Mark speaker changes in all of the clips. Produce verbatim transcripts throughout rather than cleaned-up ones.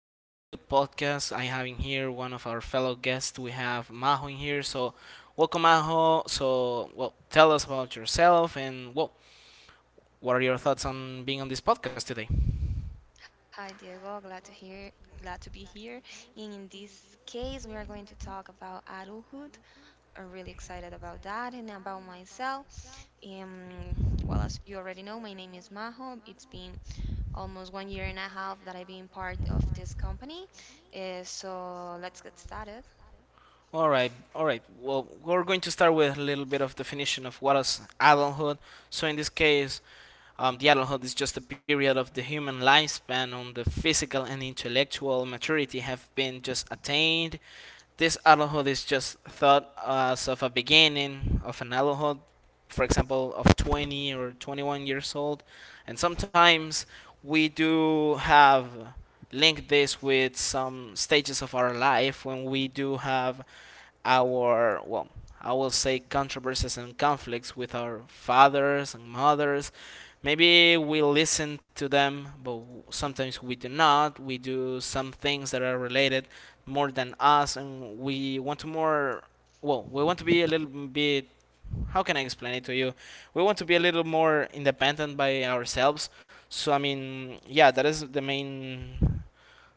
Speaker 1: um, good podcast. I have in here one of our fellow guests. We have Maho in here. So, welcome Maho. So, well, tell us about yourself and, well, what are your thoughts on being on this podcast today?
Speaker 2: Hi Diego, glad to hear, glad to be here. And in this case, we are going to talk about adulthood. I'm really excited about that and about myself. Um, well, as you already know, my name is Maho. It's been almost one year and a half that I've been part of this company. Uh, so let's get started.
Speaker 1: All right, all right. Well, we're going to start with a little bit of definition of what is adulthood. So, in this case, um, the adulthood is just a period of the human lifespan on the physical and intellectual maturity have been just attained. This alcohol is just thought as of a beginning of an alcohol, for example, of twenty or twenty-one years old. And sometimes we do have linked this with some stages of our life when we do have our, well, I will say, controversies and conflicts with our fathers and mothers. Maybe we listen to them, but sometimes we do not. We do some things that are related more than us and we want to more, well, we want to be a little bit, how can I explain it to you? We want to be a little more independent by ourselves. So I mean, yeah, that is the main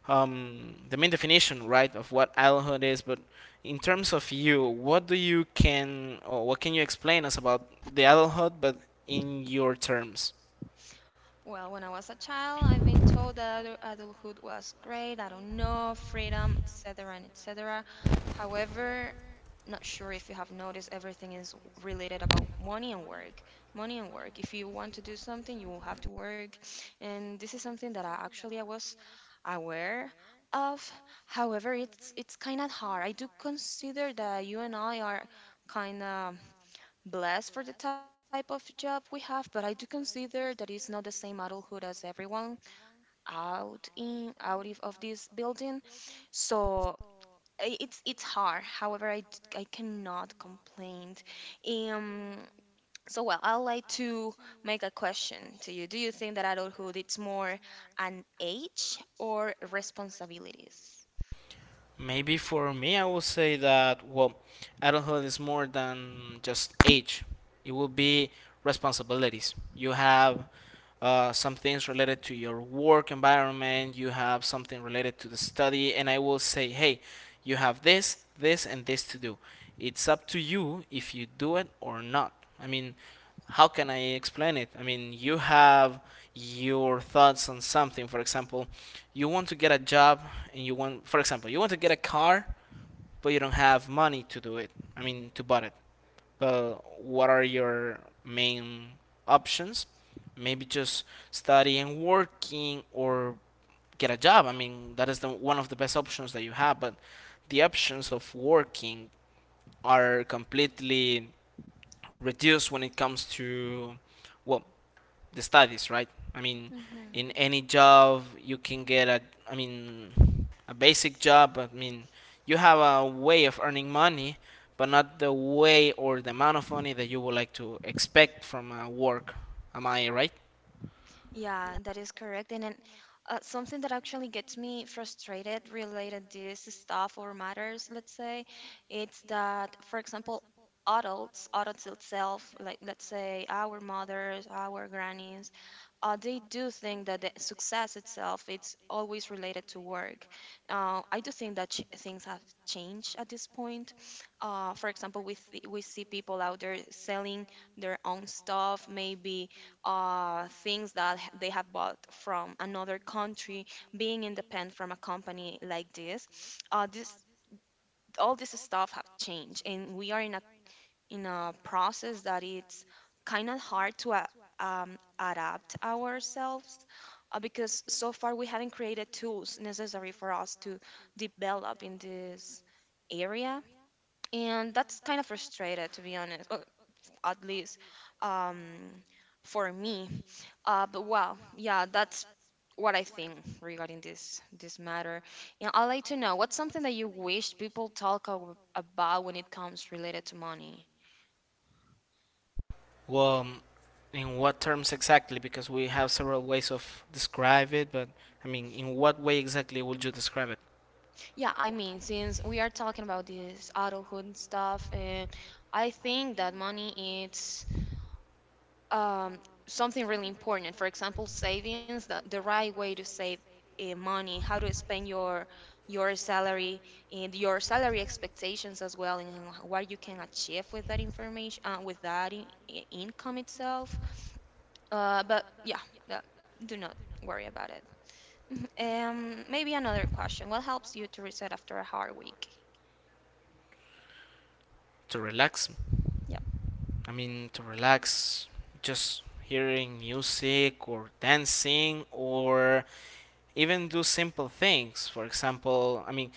Speaker 1: um, the main definition, right, of what adulthood is. But in terms of you, what do you can or what can you explain us about the adulthood, but in your terms?
Speaker 2: Well, when I was a child, I've been told that adul- adulthood was great, I don't know, freedom, et cetera, and et cetera. However, not sure if you have noticed, everything is w- related about money and work. Money and work. If you want to do something, you will have to work, and this is something that I actually I was aware of. However, it's it's kind of hard. I do consider that you and I are kind of blessed for the type of job we have, but I do consider that it's not the same adulthood as everyone out in out of of this building. So i- it's it's hard. However, I, d- I cannot complain. Um. So, well, I'd like to make a question to you. Do you think that adulthood it's more an age or responsibilities?
Speaker 1: Maybe for me, I will say that, well, adulthood is more than just age, it will be responsibilities. You have uh, some things related to your work environment, you have something related to the study, and I will say, hey, you have this, this, and this to do. It's up to you if you do it or not. I mean, how can I explain it? I mean, you have your thoughts on something. For example, you want to get a job and you want, for example, you want to get a car, but you don't have money to do it. I mean, to buy it. But what are your main options? Maybe just studying, working, or get a job. I mean, that is the one of the best options that you have, but the options of working are completely reduced when it comes to, well, the studies, right? I mean,
Speaker 2: Hmm.
Speaker 1: in any job you can get a, I mean, a basic job. I mean, you have a way of earning money, but not the way or the amount of money that you would like to expect from a work. Am I right?
Speaker 2: Yeah, that is correct. And then uh, something that actually gets me frustrated related this stuff or matters, let's say, it's that, for example, adults, adults itself, like let's say our mothers, our grannies, uh, they do think that the success itself it's always related to work. Uh, I do think that ch- things have changed at this point. Uh, for example, we th- we see people out there selling their own stuff, maybe uh, things that h- they have bought from another country, being independent from a company like this, uh, this all this stuff have changed, and we are in a in a process that it's kind of hard to uh, um, adapt ourselves uh, because so far we haven't created tools necessary for us to develop in this area, and that's kind of frustrated, to be honest. Oh, at least um, for me. Uh, but well, yeah, that's what I think regarding this this matter. And I'd like to know what's something that you wish people talk ab- about when it comes related to money.
Speaker 1: Well, um, in what terms exactly? Because we have several ways of describe it, but I mean, in what way exactly would you describe it?
Speaker 2: Yeah, I mean, since we are talking about this adulthood and stuff, and I think that money is um, something really important. For example, savings, the, the right way to save uh, money, how to spend your your salary and your salary expectations as well, and what you can achieve with that information, uh, with that in, i- income itself. Uh, but yeah, that, do not worry about it. Um, maybe another question. What helps you to reset after a hard week?
Speaker 1: To relax?
Speaker 2: Yeah.
Speaker 1: I mean, to relax, just hearing music or dancing or even do simple things. For example, I mean,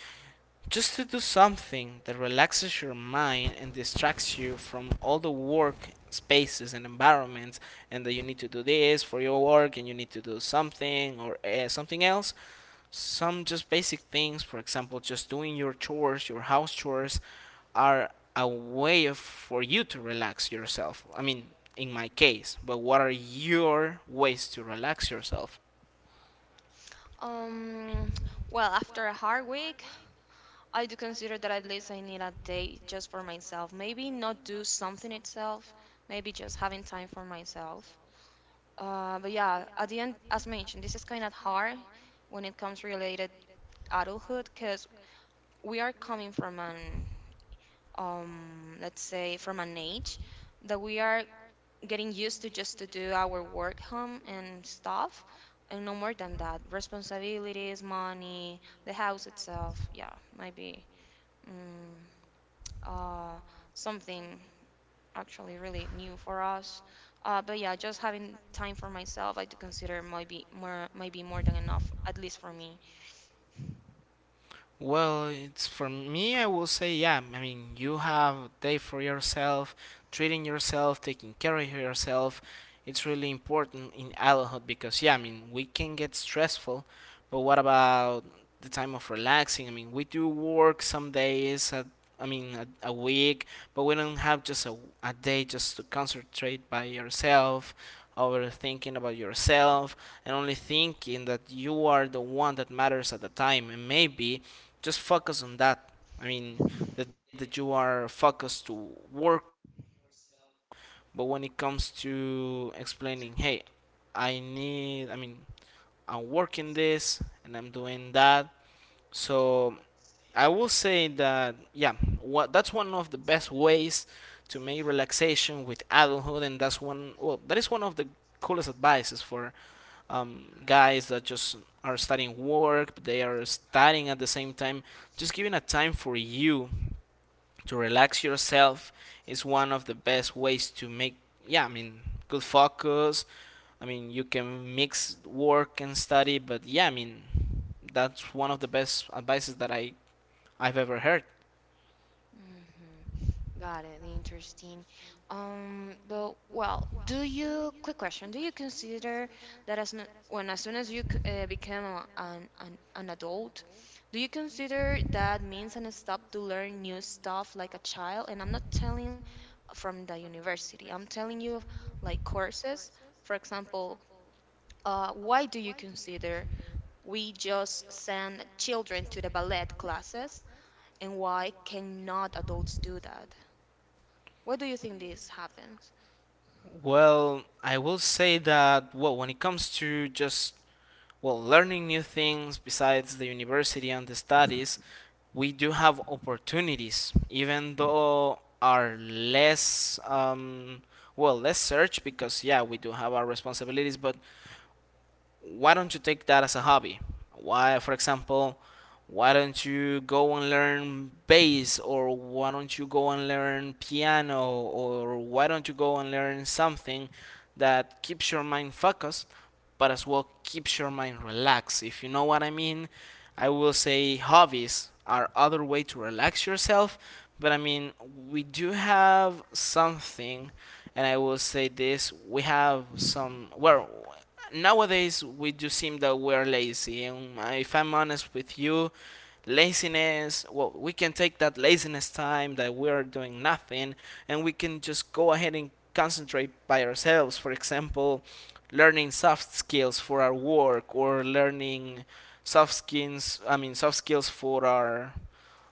Speaker 1: just to do something that relaxes your mind and distracts you from all the work spaces and environments and that you need to do this for your work and you need to do something or uh, something else, some just basic things. For example, just doing your chores, your house chores are a way of, for you to relax yourself, I mean, in my case. But what are your ways to relax yourself?
Speaker 2: Um, well, after a hard week, I do consider that at least I need a day just for myself. Maybe not do something itself, maybe just having time for myself. Uh, but yeah, at the end, as mentioned, this is kind of hard when it comes related adulthood because we are coming from an um, let's say from an age that we are getting used to just to do our work, home, and stuff, and no more than that. Responsibilities, money, the house itself. Yeah, maybe mm, uh, something actually really new for us. Uh, but yeah, just having time for myself, I do consider might be more might be more than enough, at least for me.
Speaker 1: Well, it's for me, I will say, yeah. I mean, you have day for yourself, treating yourself, taking care of yourself. It's really important in adulthood because, yeah, I mean, we can get stressful, but what about the time of relaxing? I mean, we do work some days, at, I mean, a, a week, but we don't have just a, a day just to concentrate by yourself, overthinking about yourself, and only thinking that you are the one that matters at the time. And maybe just focus on that. I mean, the that you are focused to work, but when it comes to explaining, hey, I need, I mean, I'm working this and I'm doing that. So I will say that, yeah, what that's one of the best ways to make relaxation with adulthood, and that's one, well, that is one of the coolest advices for um, guys that just are studying work, but they are studying at the same time, just giving a time for you to relax yourself is one of the best ways to make, yeah, I mean, good focus. I mean, you can mix work and study, but yeah, I mean, that's one of the best advices that i i've ever heard.
Speaker 2: Hmm. Got it. Interesting. Um, but well, do you? Quick question. Do you consider that as no- when as soon as you c- uh, become a, an, an an adult, do you consider that means and stop to learn new stuff like a child? And I'm not telling from the university. I'm telling you of, like, courses. For example, uh, why do you consider we just send children to the ballet classes, and why cannot adults do that? Why do you think this happens?
Speaker 1: Well, I will say that, well, when it comes to just, well, learning new things besides the university and the studies, we do have opportunities, even though are less, um, well, less search because yeah, we do have our responsibilities, but why don't you take that as a hobby? Why, for example, why don't you go and learn bass or why don't you go and learn piano or why don't you go and learn something that keeps your mind focused but as well keeps your mind relaxed, if you know what I mean? I will say hobbies are other way to relax yourself, but I mean, we do have something and I will say this, we have some, well, nowadays we do seem that we're lazy. And if I'm honest with you, laziness, well, we can take that laziness time that we're doing nothing and we can just go ahead and concentrate by ourselves. For example, learning soft skills for our work or learning soft skills, I mean, soft skills for our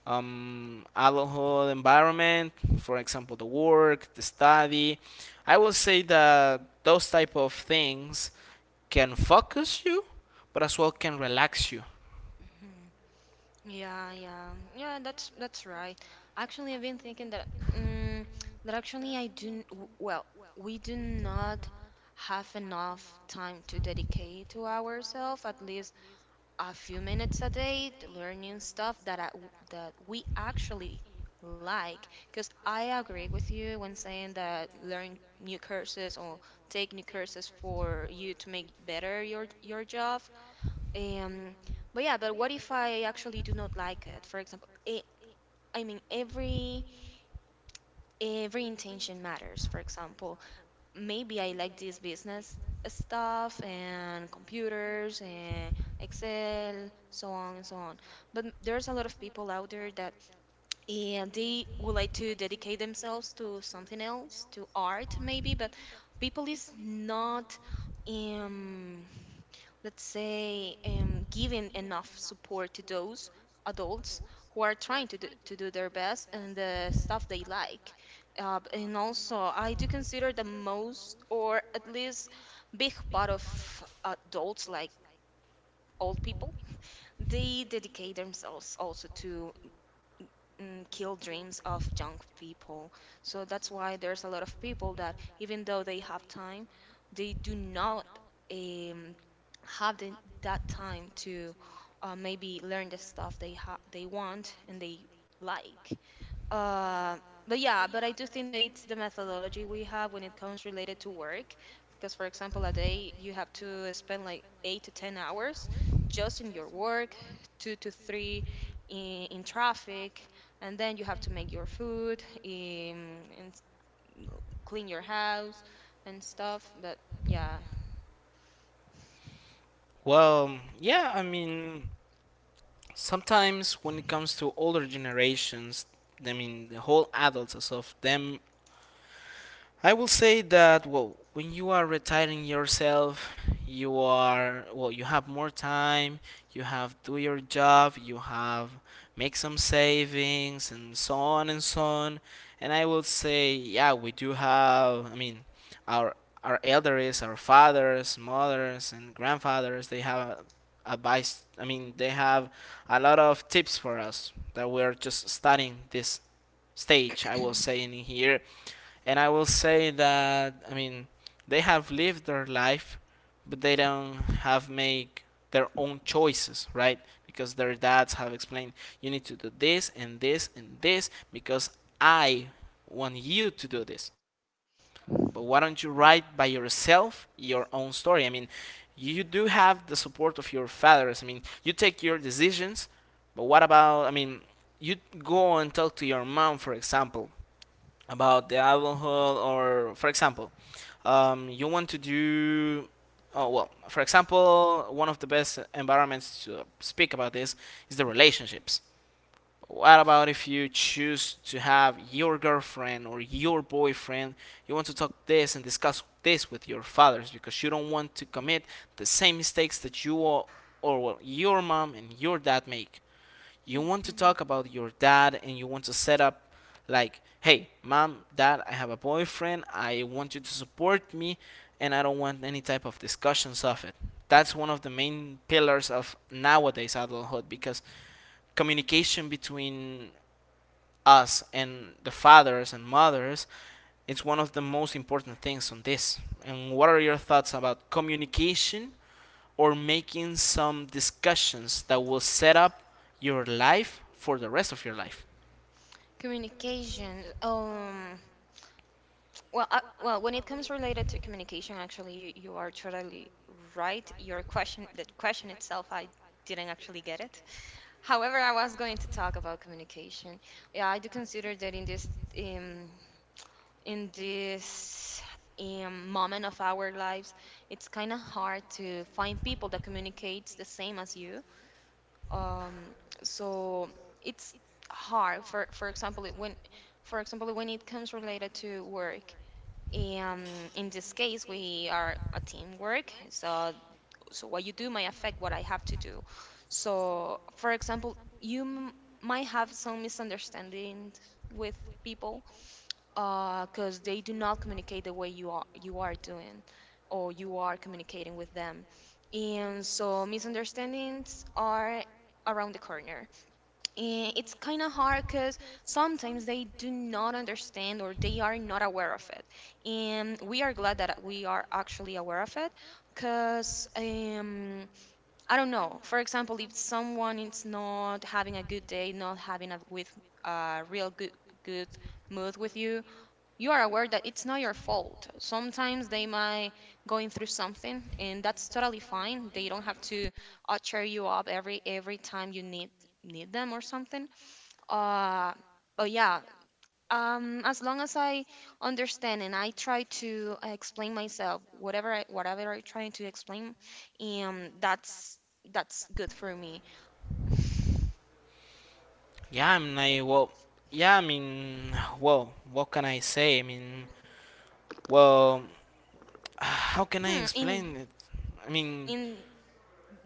Speaker 1: um, adulthood environment, for example, the work, the study. I will say that those type of things can focus you, but as well can relax you.
Speaker 2: Mhm. Yeah, yeah, yeah. That's that's right. Actually, I've been thinking that um, that actually, I do n- w- well. We do not have enough time to dedicate to ourselves. At least a few minutes a day to learning stuff that I, that we actually like. Because I agree with you when saying that learn new courses or take new courses for you to make better your your job. Um, but yeah, but what if I actually do not like it? For example, it, I mean, every every intention matters. For example, maybe I like this business stuff and computers and Excel, so on and so on. But there's a lot of people out there that and they would like to dedicate themselves to something else, to art maybe, but people is not um let's say um giving enough support to those adults who are trying to do, to do their best and the stuff they like. Uh, b- and also, I do consider the most or at least big part of adults, like old people, they dedicate themselves also to mm, kill dreams of young people. So that's why there's a lot of people that, even though they have time, they do not um, have the, that time to uh, maybe learn the stuff they ha- they want and they like. Uh, but yeah, but I do think that it's the methodology we have when it comes related to work. Because, for example, a day you have to spend like eight to ten hours just in your work, two to three in, in traffic, and then you have to make your food, um, and s- clean your house and stuff. But yeah.
Speaker 1: Well, yeah, I mean, sometimes when it comes to older generations, I mean, the whole adults as of them, I will say that, well, when you are retiring yourself, you are, well, you have more time, you have do your job, you have make some savings and so on and so on. And I will say, yeah, we do have, I mean, our our elders, our fathers, mothers and grandfathers, they have advice. I mean, they have a lot of tips for us that we are just studying this stage, I will say in here, and I will say that, I mean, they have lived their life, but they don't have make their own choices, right? Because their dads have explained, you need to do this and this and this because I want you to do this. But why don't you write by yourself your own story? I mean, you do have the support of your fathers. I mean, you take your decisions, but what about, I mean, you go and talk to your mom, for example, about the alcohol or for example, um, you want to do, oh, well, for example, one of the best environments to speak about this is the relationships. What about if you choose to have your girlfriend or your boyfriend, you want to talk this and discuss this with your fathers because you don't want to commit the same mistakes that you or, or well, your mom and your dad make. You want to
Speaker 2: Mhm.
Speaker 1: talk about your dad and you want to set up like, hey, mom, dad, I have a boyfriend, I want you to support me and I don't want any type of discussions of it. That's one of the main pillars of nowadays adulthood because communication between us and the fathers and mothers is one of the most important things on this. And what are your thoughts about communication or making some discussions that will set up your life for the rest of your life?
Speaker 2: Communication. Um, Well, uh, well, when it comes related to communication, actually, you, you are totally right. Your question, that question itself, I didn't actually get it. However, I was going to talk about communication. Yeah, I do consider that in this um, in this um, moment of our lives, it's kind of hard to find people that communicates the same as you. Um, so it's hard. For for example, it- when for example when it comes related to work, and in this case, we are a teamwork. So, so what you do might affect what I have to do. So, for example, you m- might have some misunderstandings with people because they do not communicate the way you are you are doing, or you are communicating with them. And so, misunderstandings are around the corner. Eh, it's kind of hard because sometimes they do not understand or they are not aware of it, and we are glad that we are actually aware of it, because um, I don't know, for example, if someone is not having a good day, not having a with a real good good mood with you you are aware that it's not your fault. Sometimes they might going through something, and that's totally fine. They don't have to uh, cheer you up every every time you need need them or something. Uh, but yeah, um, as long as I understand and I try to uh, explain myself, whatever I, whatever I trying to explain, um, that's that's good for me.
Speaker 1: Yeah, I mean, I, well, yeah, I mean, well, what can I say? I mean, well, how can I
Speaker 2: Hmm. In
Speaker 1: explain it? I mean,
Speaker 2: in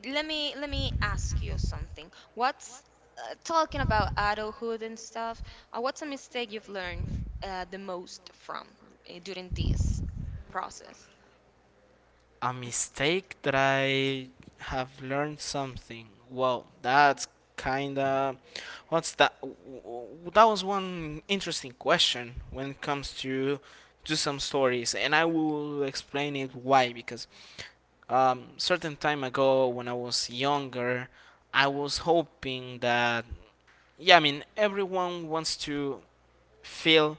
Speaker 2: Let me, let me ask you something. What's uh, talking about adulthood and stuff? Uh, what's a mistake you've learned uh, the most from uh, during this process?
Speaker 1: a
Speaker 2: Mm.
Speaker 1: mistake that I have learned something. Well, that's kinda. What's that? That was one interesting question when it comes to to some stories, and I will explain it why because, um, certain time ago when I was younger, I was hoping that, yeah, I mean, everyone wants to feel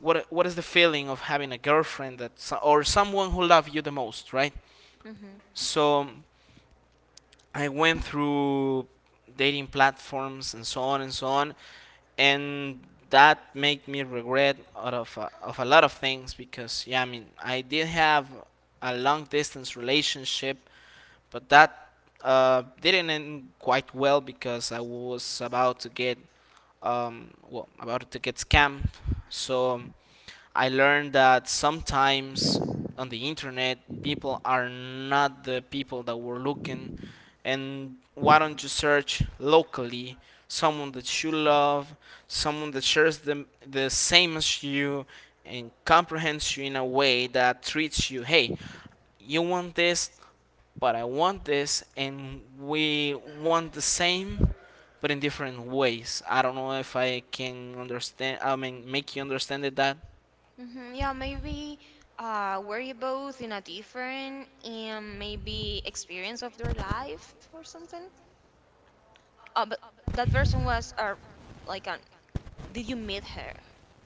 Speaker 1: what what is the feeling of having a girlfriend that so- or someone who loves you the most, right?
Speaker 2: Mhm.
Speaker 1: So I went through dating platforms and so on and so on, and that made me regret out of a, of a lot of things because yeah, I mean, I did have a long distance relationship. But that uh, didn't end quite well because I was about to get um, well about to get scammed. So um, I learned that sometimes on the internet people are not the people that were looking and why don't you search locally someone that you love, someone that shares the, the same as you and comprehends you in a way that treats you, hey, you want this but I want this, and we want the same, but in different ways. I don't know if I can understand. I mean, make you understand it that
Speaker 2: Mhm. Yeah, maybe uh were you both in a different um maybe experience of their life or something? Uh, but that person was, uh like, an, did you meet her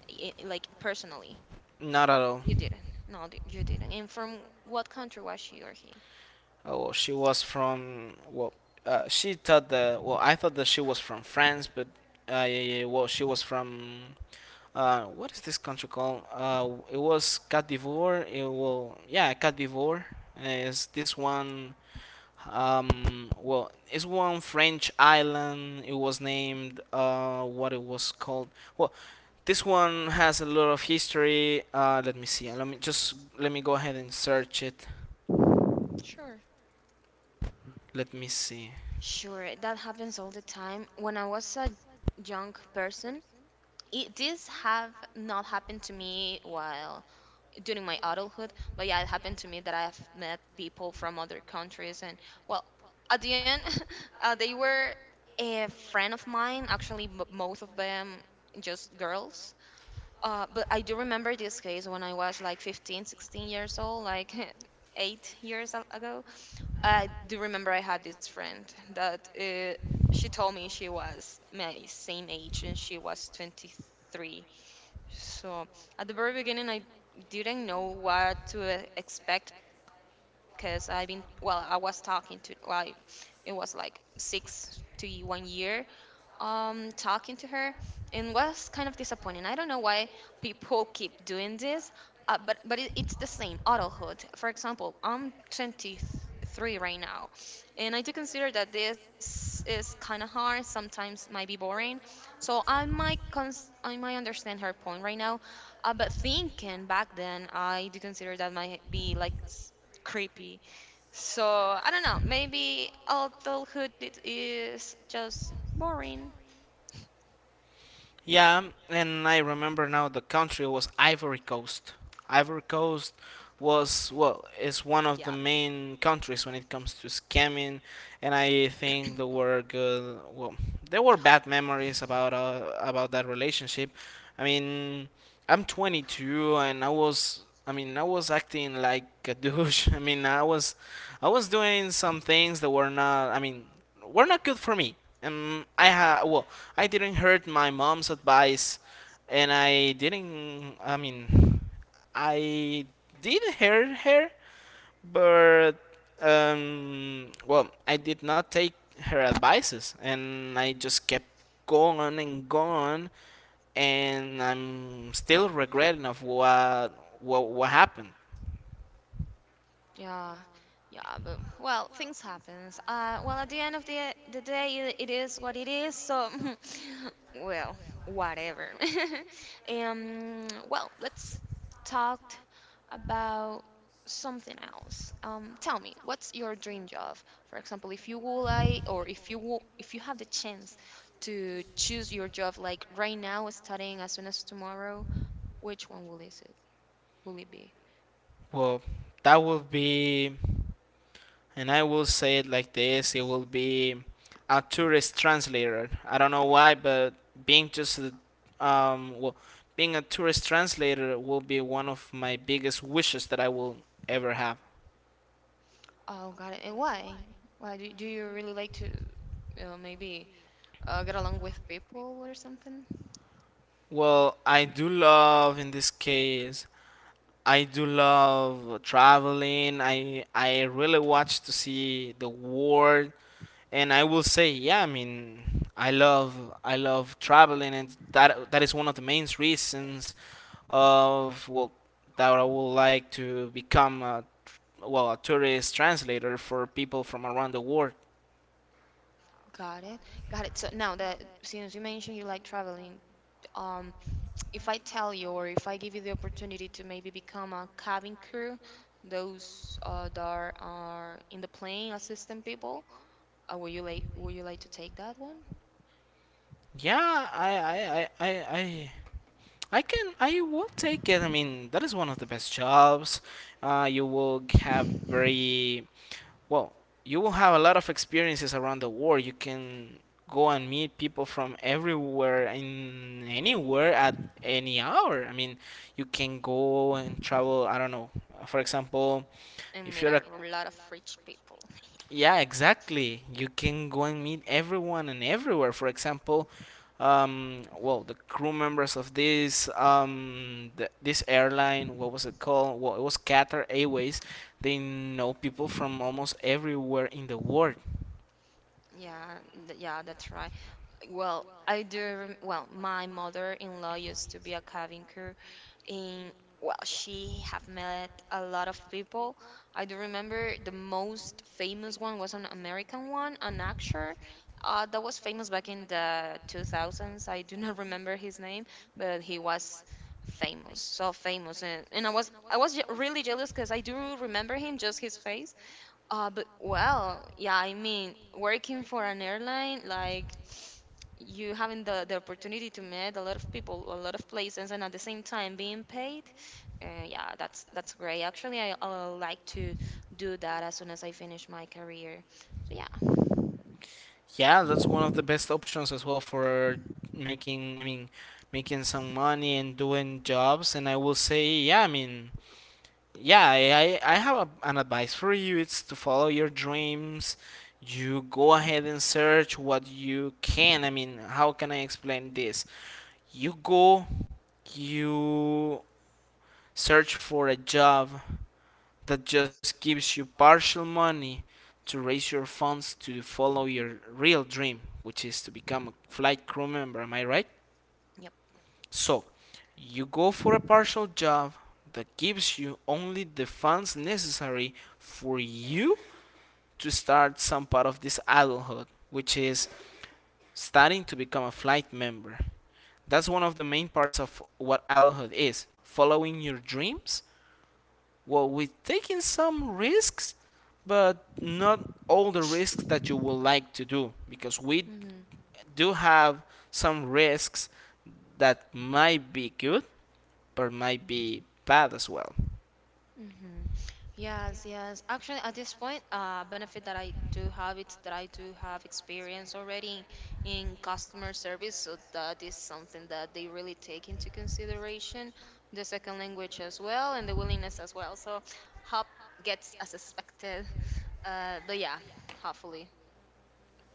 Speaker 2: i- like, personally?
Speaker 1: not at all.
Speaker 2: You didn't. No, d- you didn't. And from what country was she or he?
Speaker 1: Oh, well, she was from well, uh, she thought that well, I thought that she was from France, but uh, yeah, yeah, yeah, well, she was from uh, what is this country called? Uh, it was Côte d'Ivoire. It will yeah, Côte d'Ivoire is this one. Um, well, it's one French island. It was named uh, what it was called. Well, this one has a lot of history. Uh, let me see. Let me just let me go ahead and search it.
Speaker 2: Sure.
Speaker 1: Let me see.
Speaker 2: Sure, that happens all the time. When I was a young person, it does have not happened to me while during my adulthood, but yeah, it happened to me that I've met people from other countries, and well, at the end, uh, they were a friend of mine, actually, m- most of them just girls. Uh, but I do remember this case when I was like fifteen, sixteen years old, like eight years a- ago. I do remember I had this friend that, uh, she told me she was my same age and she was twenty-three. So at the very beginning, I didn't know what to e- expect, because I've been well, I was talking to, well, it was like six to one year, um talking to her, and was kind of disappointing. I don't know why people keep doing this, uh, but but it, it's the same adulthood. For example, I'm twenty-three right now, and I do consider that this is kind of hard. Sometimes might be boring, so I might cons- I might understand her point right now, uh, but thinking back then, I do consider that might be like s- creepy. So I don't know. Maybe adulthood it is just boring.
Speaker 1: Yeah, and I remember now the country was Ivory Coast. Ivory Coast was well is one of the main countries when it comes to scamming, and I think there were good well there were bad memories about uh, about that relationship. I mean, I'm twenty-two and I was I mean I was acting like a douche. I mean I was I was doing some things that were not, I mean, were not good for me. Um, I ha well, I didn't heard my mom's advice, and I didn't. I mean, I did hear her, but um, well, I did not take her advices, and I just kept going and going, and I'm still regretting of what what what happened.
Speaker 2: Yeah. Yeah, but well, things happens. Uh, well, at the end of the the day, it, it is what it is. So, well, whatever. um, well, let's talk about something else. Um, tell me, what's your dream job? For example, if you would like, or if you will, if you have the chance to choose your job, like right now, starting as soon as tomorrow, Which one will is it? Will it be?
Speaker 1: Well, that would be and I will say it like this it will be a tourist translator. I don't know why, but being just a, um well being a tourist translator will be one of my biggest wishes that I will ever have.
Speaker 2: Oh, got it. And why? Why do do you really like to uh, maybe uh, get along with people or something?
Speaker 1: Well, I do love in this case I do love traveling. I I really watch to see the world and I will say yeah, I mean I love I love traveling and that that is one of the main reasons of well that I would like to become a well a tourist translator for people from around the world.
Speaker 2: Got it. Got it. So now that since you mentioned you like traveling, um, if I tell you or if I give you the opportunity to maybe become a cabin crew, those uh, that are, are in the plane assistant people, uh, would you like would you like to take that one
Speaker 1: Yeah, I I I I. I I can, I will take it. I mean, that is one of the best jobs. Uh, you will have very, well, you will have a lot of experiences around the world. You can go and meet people from everywhere in anywhere at any hour. I mean, you can go and travel, I don't know, for example,
Speaker 2: and
Speaker 1: if
Speaker 2: meet
Speaker 1: you're
Speaker 2: a
Speaker 1: a
Speaker 2: lot of rich people?
Speaker 1: yeah, exactly. You can go and meet everyone and everywhere. For example, um, well, the crew members of this um, th- this airline, what was it called? Well, it was Qatar Airways. They know people from almost everywhere in the world.
Speaker 2: Yeah, th- yeah, that's right. Well, I do. rem- Well, my mother-in-law used to be a cabin crew, and well, she have met a lot of people. I do remember the most famous one was an American one, an actor, uh, that was famous back in the two thousands. I do not remember his name, but he was famous, so famous, and, and I was I was je- really jealous because I do remember him, just his face. Uh, but well, yeah, I mean, working for an airline like you having the, the opportunity to meet a lot of people, a lot of places, and at the same time being paid. Uh, yeah, that's that's great. Actually, I, I'll like to do that as soon as I finish my career. So yeah,
Speaker 1: Yeah, that's one of the best options as well for making. I mean, making some money and doing jobs. And I will say, yeah, I mean, yeah, I, I I have a, an advice for you. It's to follow your dreams. You go ahead and search what you can. I mean, how can I explain this? You go, you search for a job that just gives you partial money to raise your funds to follow your real dream, which is to become a flight crew member. Am I right?
Speaker 2: yep.
Speaker 1: So, you go for a partial job that gives you only the funds necessary for you to start some part of this adulthood, which is starting to become a flight member. That's one of the main parts of what adulthood is following your dreams. Well, with taking some risks, but not all the risks that you would like to do, because we
Speaker 2: Hmm.
Speaker 1: do have some risks that might be good, but might be bad as well.
Speaker 2: Mm-hmm. Yes, yes. Actually, at this point, uh, benefit that I do have it's that I do have experience already in customer service, so that is something that they really take into consideration, the second language as well, and the willingness as well. So, help gets as expected. Uh, but yeah, hopefully,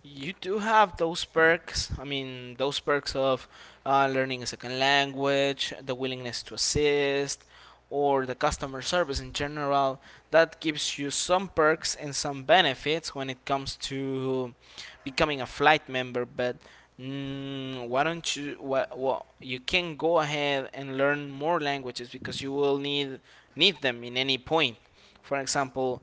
Speaker 1: You do have those perks. I mean, those perks of uh, learning a second language, the willingness to assist, or the customer service in general. That gives you some perks and some benefits when it comes to becoming a flight member. But mm, why don't you? Why, well, you can go ahead and learn more languages because you will need need them in any point. For example,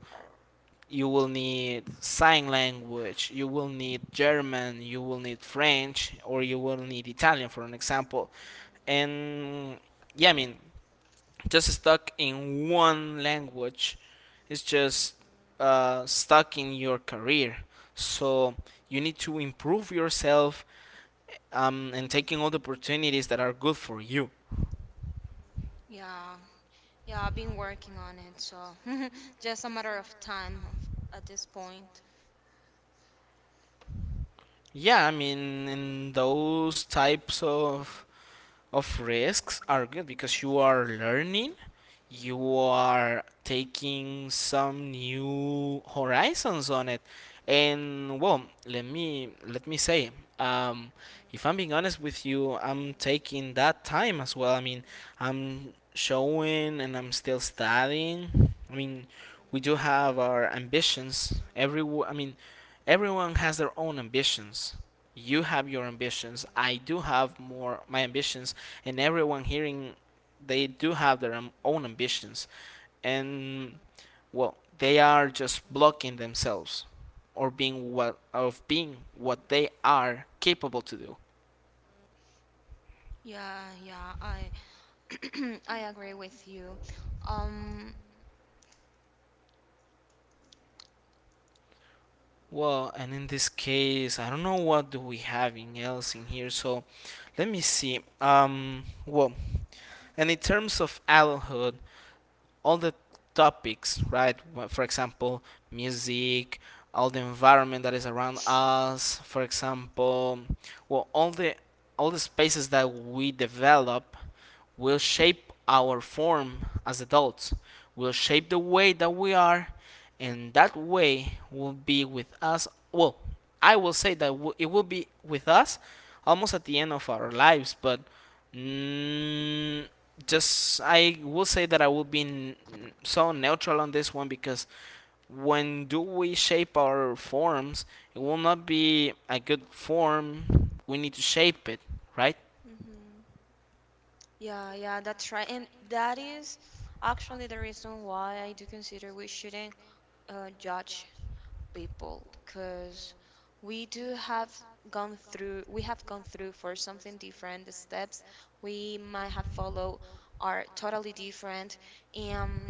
Speaker 1: you will need sign language, you will need German, you will need French, or you will need Italian, for an example. And yeah, I mean, just stuck in one language it's just uh, stuck in your career. So you need to improve yourself um, and taking all the opportunities that are good for you.
Speaker 2: yeah, yeah. I've been working on it, so just a matter of time of- at this point.
Speaker 1: Yeah, I mean, in those types of of risks are good because you are learning, you are taking some new horizons on it. And well, let me let me say, um, if I'm being honest with you, I'm taking that time as well. I mean, I'm showing and I'm still studying. I mean, we do have our ambitions. Every I mean, everyone has their own ambitions. You have your ambitions. I do have more my ambitions, and everyone hearing they do have their own ambitions and well they are just blocking themselves or being what of being what they are capable to do
Speaker 2: Yeah, yeah. I I agree with you. Um,
Speaker 1: well and in this case I don't know what do we having else in here so let me see. um well and in terms of adulthood all the topics, right? For example, music, all the environment that is around us. For example, well, all the all the spaces that we develop will shape our form as adults. Will shape the way that we are, and that way will be with us. Well, I will say that it will be with us almost at the end of our lives, but. Mm, just I will say that I will be n- so neutral on this one because when do we shape our forms, it will not be a good form. We need to shape it, right?
Speaker 2: hmm yeah, yeah, that's right. And that is actually the reason why I do consider we shouldn't uh, judge people because we do have gone through, we have gone through for something different. The steps we might have followed are totally different. Um,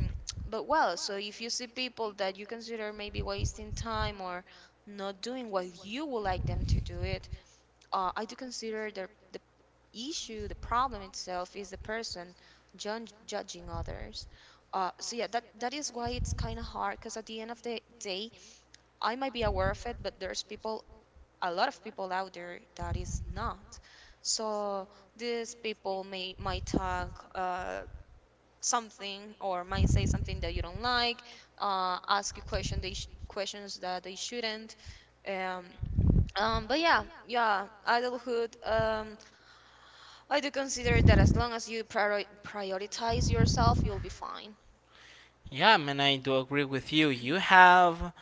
Speaker 2: but well, so if you see people that you consider maybe wasting time or not doing what you would like them to do it, uh, I do consider the the issue, the problem itself is the person judge, judging others. Uh, so yeah, that that is why it's kind of hard because at the end of the day, I might be aware of it, but there's people, a lot of people out there that is not. So these people may might talk uh, something or might say something that you don't like, uh, ask you question they sh- questions that they shouldn't. Um, um, but yeah, yeah, adulthood. Um, I do consider that as long as you priori- prioritize yourself, you'll be fine.
Speaker 1: Yeah, I mean, I do agree with you. You have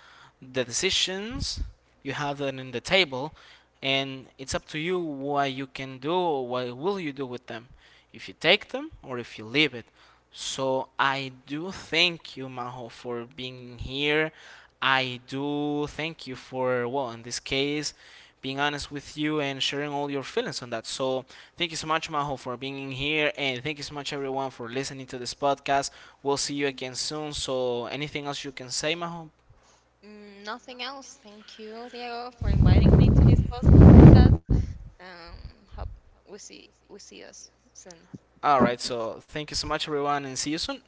Speaker 1: the decisions, you have them in the table, and it's up to you what you can do or what will you do with them. If you take them or if you leave it. So I do thank you, Maho, for being here. I do thank you for, well, in this case, being honest with you and sharing all your feelings on that. So thank you so much, Maho, for being in here, and thank you so much, everyone, for listening to this podcast. We'll see you again soon. So, anything else you can say, Maho?
Speaker 2: Mm, nothing else. Thank you, Diego, for inviting me to this pos- podcast. Um, hope we see we see us
Speaker 1: All
Speaker 2: soon.
Speaker 1: right. So, thank you so much, everyone, and see you soon.